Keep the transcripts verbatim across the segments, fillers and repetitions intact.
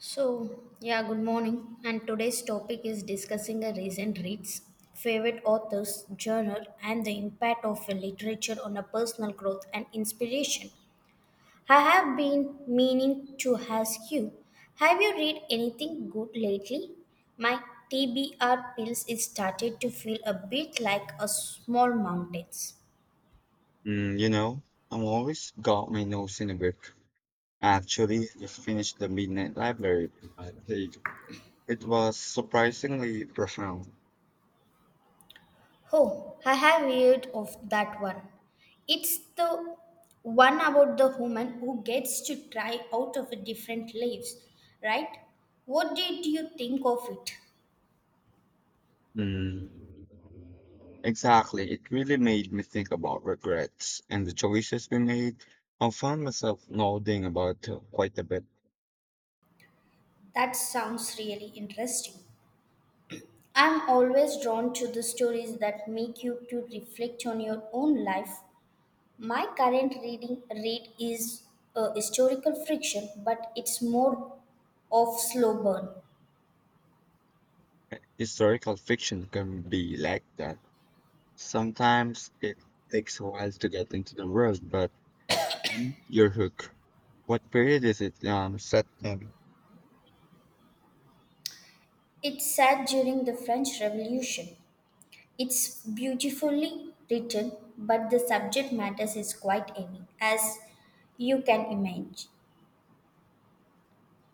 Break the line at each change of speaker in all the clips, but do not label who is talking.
So, yeah, good morning. And today's topic is discussing a recent reads, favorite authors, journal, and the impact of literature on a personal growth and inspiration. I have been meaning to ask you, have you read anything good lately? My T B R pills is started to feel a bit like a small mountains.
Mm, you know, I'm always got my nose in a book. I actually just finished The Midnight Library. I think it was surprisingly profound.
Oh, I have heard of that one. It's the one about the woman who gets to try out of a different lives, right? What did you think of it?
Mm, exactly. It really made me think about regrets and the choices we made. I found myself nodding about uh, quite a bit.
That sounds really interesting. I'm always drawn to the stories that make you to reflect on your own life. My current reading read is a historical fiction, but it's more of slow burn.
Uh, Historical fiction can be like that. Sometimes it takes a while to get into the world, but mm, you're hooked. What period is it um, set in?
It's set during the French Revolution. It's beautifully written, but the subject matters is quite heavy, as you can imagine.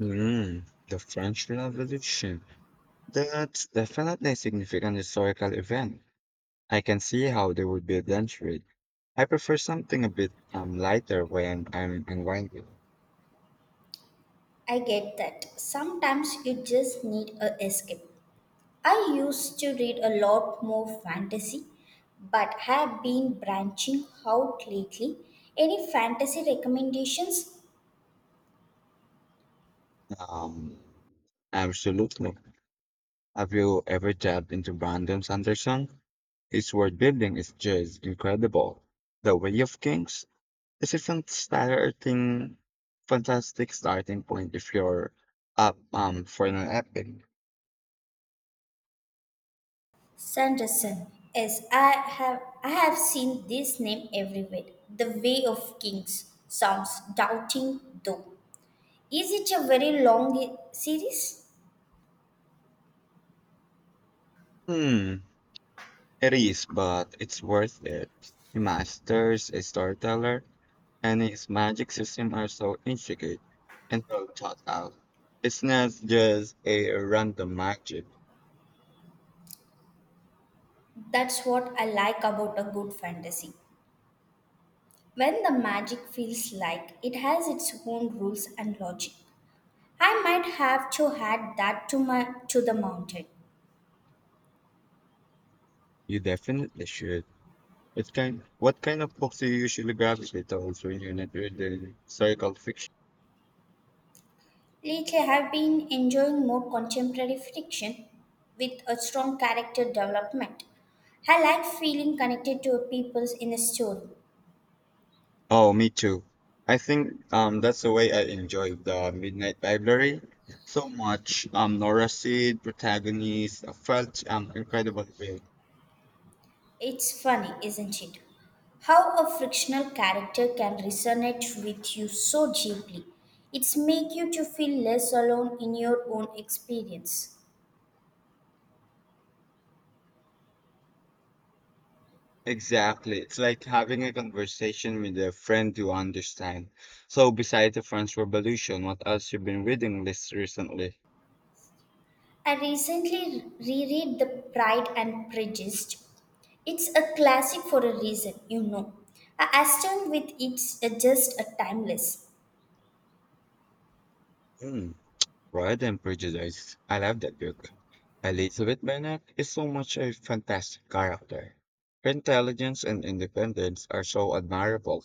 Mm, the French Revolution. That's definitely a significant historical event. I can see how they would be adventured. I prefer something a bit um, lighter when I'm unwinding.
I get that. Sometimes you just need a escape. I used to read a lot more fantasy, but have been branching out lately. Any fantasy recommendations?
Um, Absolutely. Have you ever tapped into Brandon Sanderson? His world building is just incredible. The Way of Kings is a fantastic, fantastic starting point if you're up um, for an epic.
Sanderson. Yes, I have I have seen this name everywhere. The Way of Kings sounds doubting though. Is it a very long i- series?
Hmm. It is, but it's worth it. He masters a storyteller, and his magic system are so intricate and well thought out. It's not just a random magic.
That's what I like about a good fantasy. When the magic feels like it has its own rules and logic. I might have to add that to my to the mountain.
You definitely should. It's kind. What kind of books do you usually gravitate towards when you're not reading historical fiction?
Lately I've been enjoying more contemporary fiction with a strong character development. I like feeling connected to a people in a story.
Oh, me too. I think um that's the way I enjoy the Midnight Library so much. Um, Nora Seed, protagonist, uh, felt um incredible. Way.
It's funny, isn't it? How a fictional character can resonate with you so deeply. It's make you to feel less alone in your own experience.
Exactly. It's like having a conversation with a friend you understand. So, besides the French Revolution, what else you've been reading this recently?
I recently reread The Pride and Prejudice. It's a classic for a reason, you know. I assume with it's uh, just a timeless.
Hmm. Pride and Prejudice. I love that book. Elizabeth Bennet is so much a fantastic character. Her intelligence and independence are so admirable.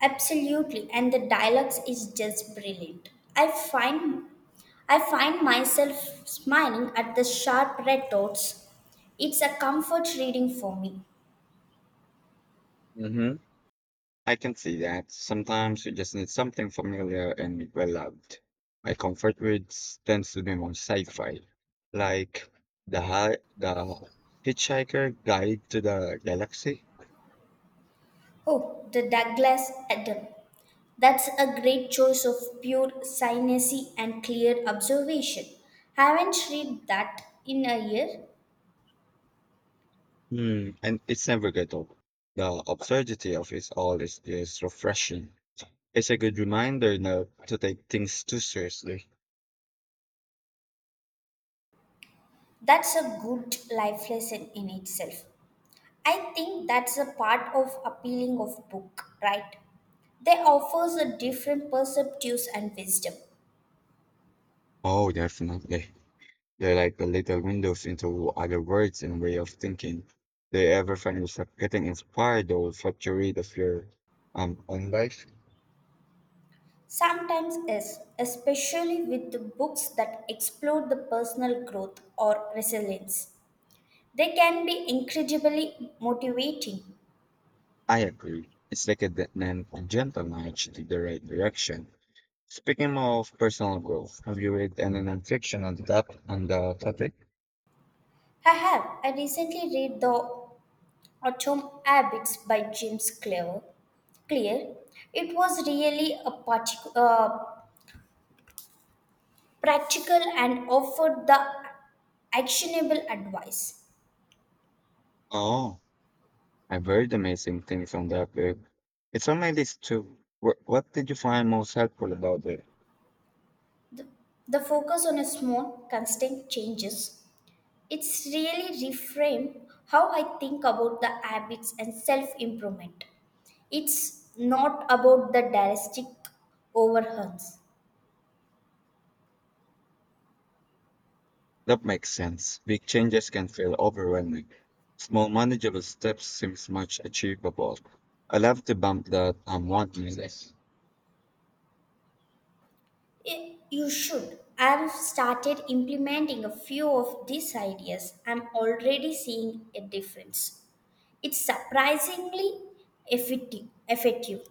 Absolutely, and the dialogues is just brilliant. I find I find myself smiling at the sharp retorts. It's a comfort reading for me.
Mhm. I can see that. Sometimes you just need something familiar and well loved. My comfort reads tends to be more sci-fi, like the Hi- the Hitchhiker Guide to the Galaxy.
Oh, the Douglas Adam. That's a great choice of pure cynicism and clear observation. Haven't read that in a year.
Hmm, and it's never get old. The absurdity of it all is, is refreshing. It's a good reminder not to take things too seriously.
That's a good life lesson in itself. I think that's a part of appealing of book, right? They offers a different perspectives and wisdom.
Oh, definitely. They're like the little windows into other worlds and way of thinking. Do you ever find yourself getting inspired or fluctuate of your um own life?
Sometimes yes, especially with the books that explore the personal growth or resilience. They can be incredibly motivating.
I agree. It's like a, de- an- a gentle nudge to the right direction. Speaking of personal growth, have you read any nonfiction on that on the topic?
I have I recently read the Autumn Habits by James Clear. Clear. It was really a partic- uh, practical and offered the actionable advice.
Oh, I've heard amazing things on that book. It's on my list too. Wh- What did you find most helpful about it?
The focus on a small, constant changes. It's really reframed how I think about the habits and self improvement. It's not about the drastic overhauls.
That makes sense. Big changes can feel overwhelming. Small manageable steps seems much achievable. I love to bump that I'm wanting this.
I- You should. I've started implementing a few of these ideas. I'm already seeing a difference. It's surprisingly effective. effective.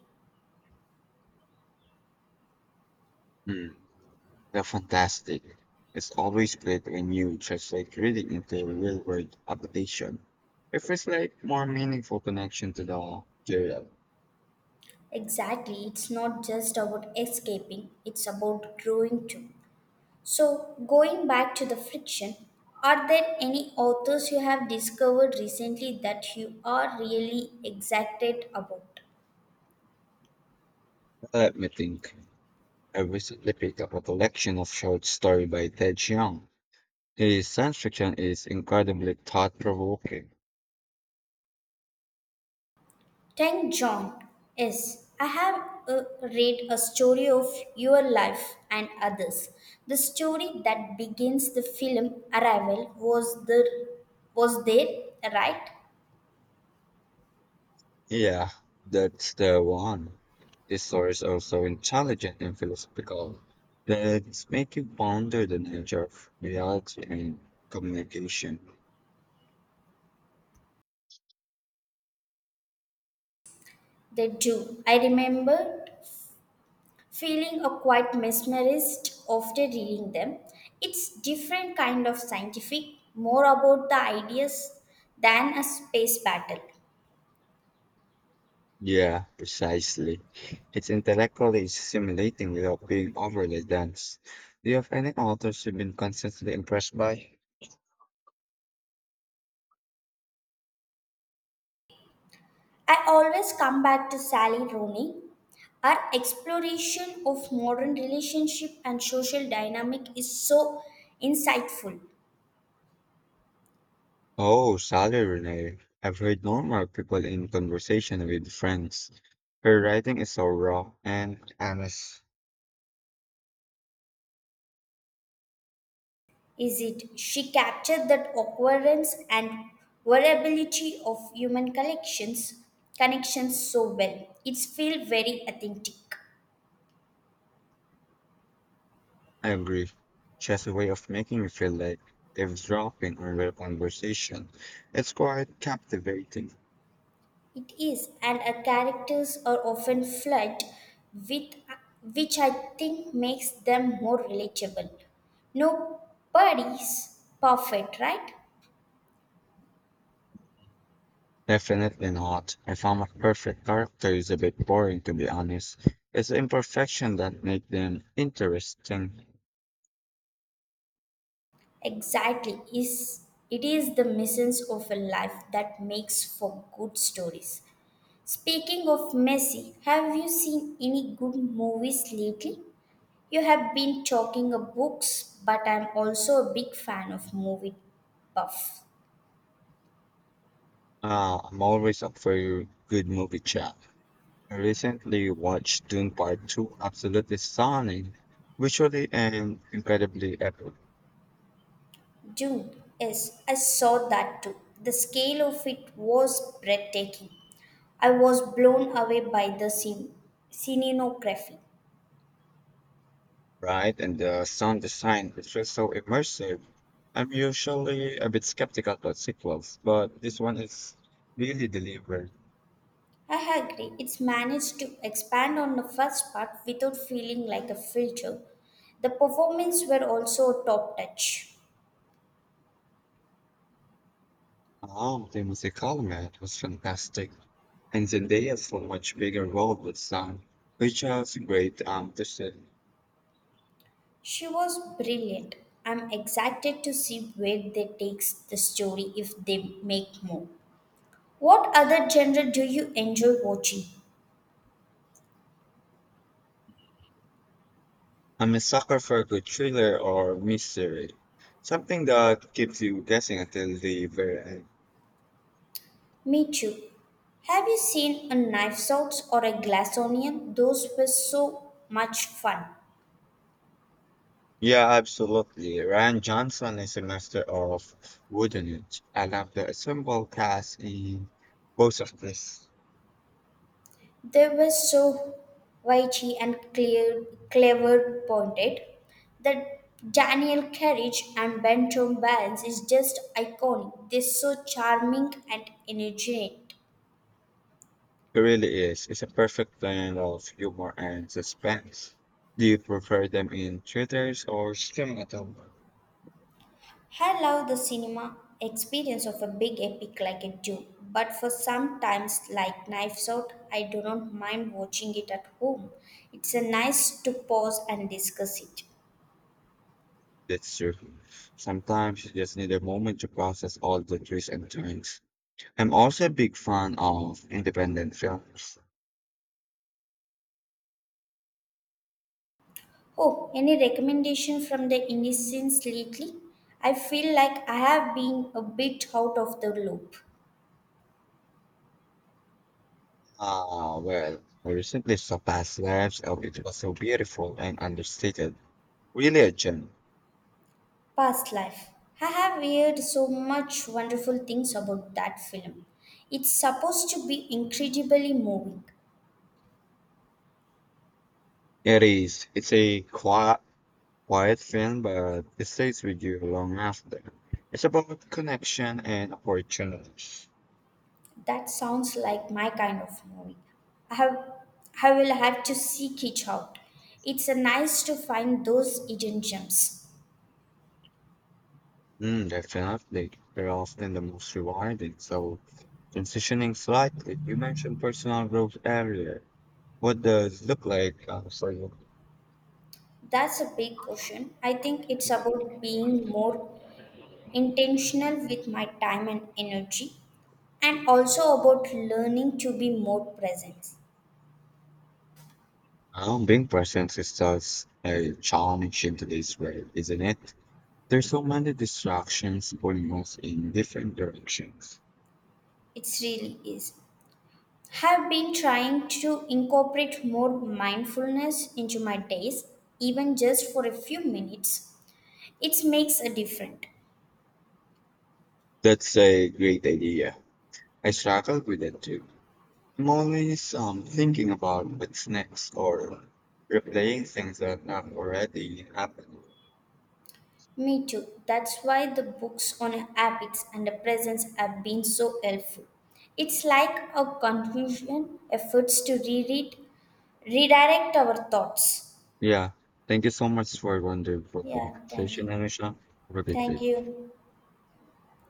Mm, they're fantastic. It's always great when you translate reading into real world application. It feels like more meaningful connection to the material.
Exactly, it's not just about escaping, it's about growing too. So, going back to the friction, are there any authors you have discovered recently that you are really excited about?
Let me think. I recently picked up a collection of short stories by Ted Chiang. His science fiction is incredibly thought provoking.
Thank John. Yes, I have uh, read a story of your life and others. The story that begins the film Arrival was the was there, right?
Yeah, that's the one. This story is also intelligent and philosophical. That's make you ponder the nature of reality and communication.
They do. I remember feeling a quite mesmerized after reading them. It's different kind of scientific, more about the ideas than a space battle.
Yeah, precisely. It's intellectually stimulating without being overly dense. Do you have any authors you've been constantly impressed by?
I always come back to Sally Rooney. Her exploration of modern relationship and social dynamic is so insightful.
Oh, Sally Renee. I've heard normal people in conversation with friends. Her writing is so raw and honest.
Is it she captured that occurrence and variability of human collections connections so well. It's feel very authentic.
I agree. She has a way of making you feel like they're dropping on real conversation. It's quite captivating.
It is, and our characters are often flawed, with which I think makes them more relatable. Nobody's perfect, right?
Definitely not. I found a perfect character is a bit boring to be honest. It's the imperfection that make them interesting.
Exactly. Is it is the missions of a life that makes for good stories. Speaking of messy, have you seen any good movies lately? You have been talking of books, but I'm also a big fan of movie buff.
Uh, I'm always up for a good movie chat. I recently watched Dune Part two, absolutely stunning, visually and incredibly epic.
Dune, yes, I saw that too. The scale of it was breathtaking. I was blown away by the scene, scenography.
Right, and the sound design it feels so immersive. I'm usually a bit skeptical about sequels, but this one is really delivered.
I agree, it's managed to expand on the first part without feeling like a filter. The performances were also a top touch.
Oh, the musical man was fantastic, and Zendaya's a much bigger role with sound, which was great. Um, to see.
She was brilliant. I'm excited to see where they takes the story if they make more. What other genre do you enjoy watching?
I'm a sucker for a good thriller or mystery, something that keeps you guessing until the very end.
Me too. Have you seen a knife out or a glass onion? Those were so much fun.
Yeah, absolutely. Ryan Johnson is a master of wooden it. I love the ensemble cast in both of this.
They were so witty and clear, clever pointed. The Daniel Carriage and Benton balance is just iconic. They're so charming and energetic.
It really is. It's a perfect blend of humor and suspense. Do you prefer them in theaters or streaming at home?
I love the cinema experience of a big epic like a Dune, but for sometimes like Knives Out, I do not mind watching it at home. It's a nice to pause and discuss it.
That's true. Sometimes you just need a moment to process all the twists and turns. I'm also a big fan of independent films.
Oh, any recommendation from the indie scenes lately? I feel like I have been a bit out of the loop.
Ah, well, I recently saw past lives of it was so beautiful and understated. Religion.
Past life. I have heard so much wonderful things about that film. It's supposed to be incredibly moving.
It is. It's a quiet, quiet film, but it stays with you long after. It's about connection and opportunities.
That sounds like my kind of movie. I have, I will have to seek it out. It's a nice to find those hidden gems.
Mm, definitely. They're often the most rewarding. So, transitioning slightly, you mentioned personal growth earlier. What does it look like uh, for you?
That's a big question. I think it's about being more intentional with my time and energy, and also about learning to be more present.
Um, being present is just a challenge in today's world, isn't it? There's so many distractions pulling us in different directions.
It really is. Have been trying to incorporate more mindfulness into my days, even just for a few minutes. It makes a difference.
That's a great idea. I struggle with it too. I'm always um, thinking about what's next or replaying things that have already happened.
Me too. That's why the books on habits and the presence have been so helpful. It's like a conclusion efforts to reread, redirect our thoughts.
Yeah. Thank you so much for a wonderful
Yeah, thank
conversation,
you.
Anisha. Have a great
Thank
day.
you.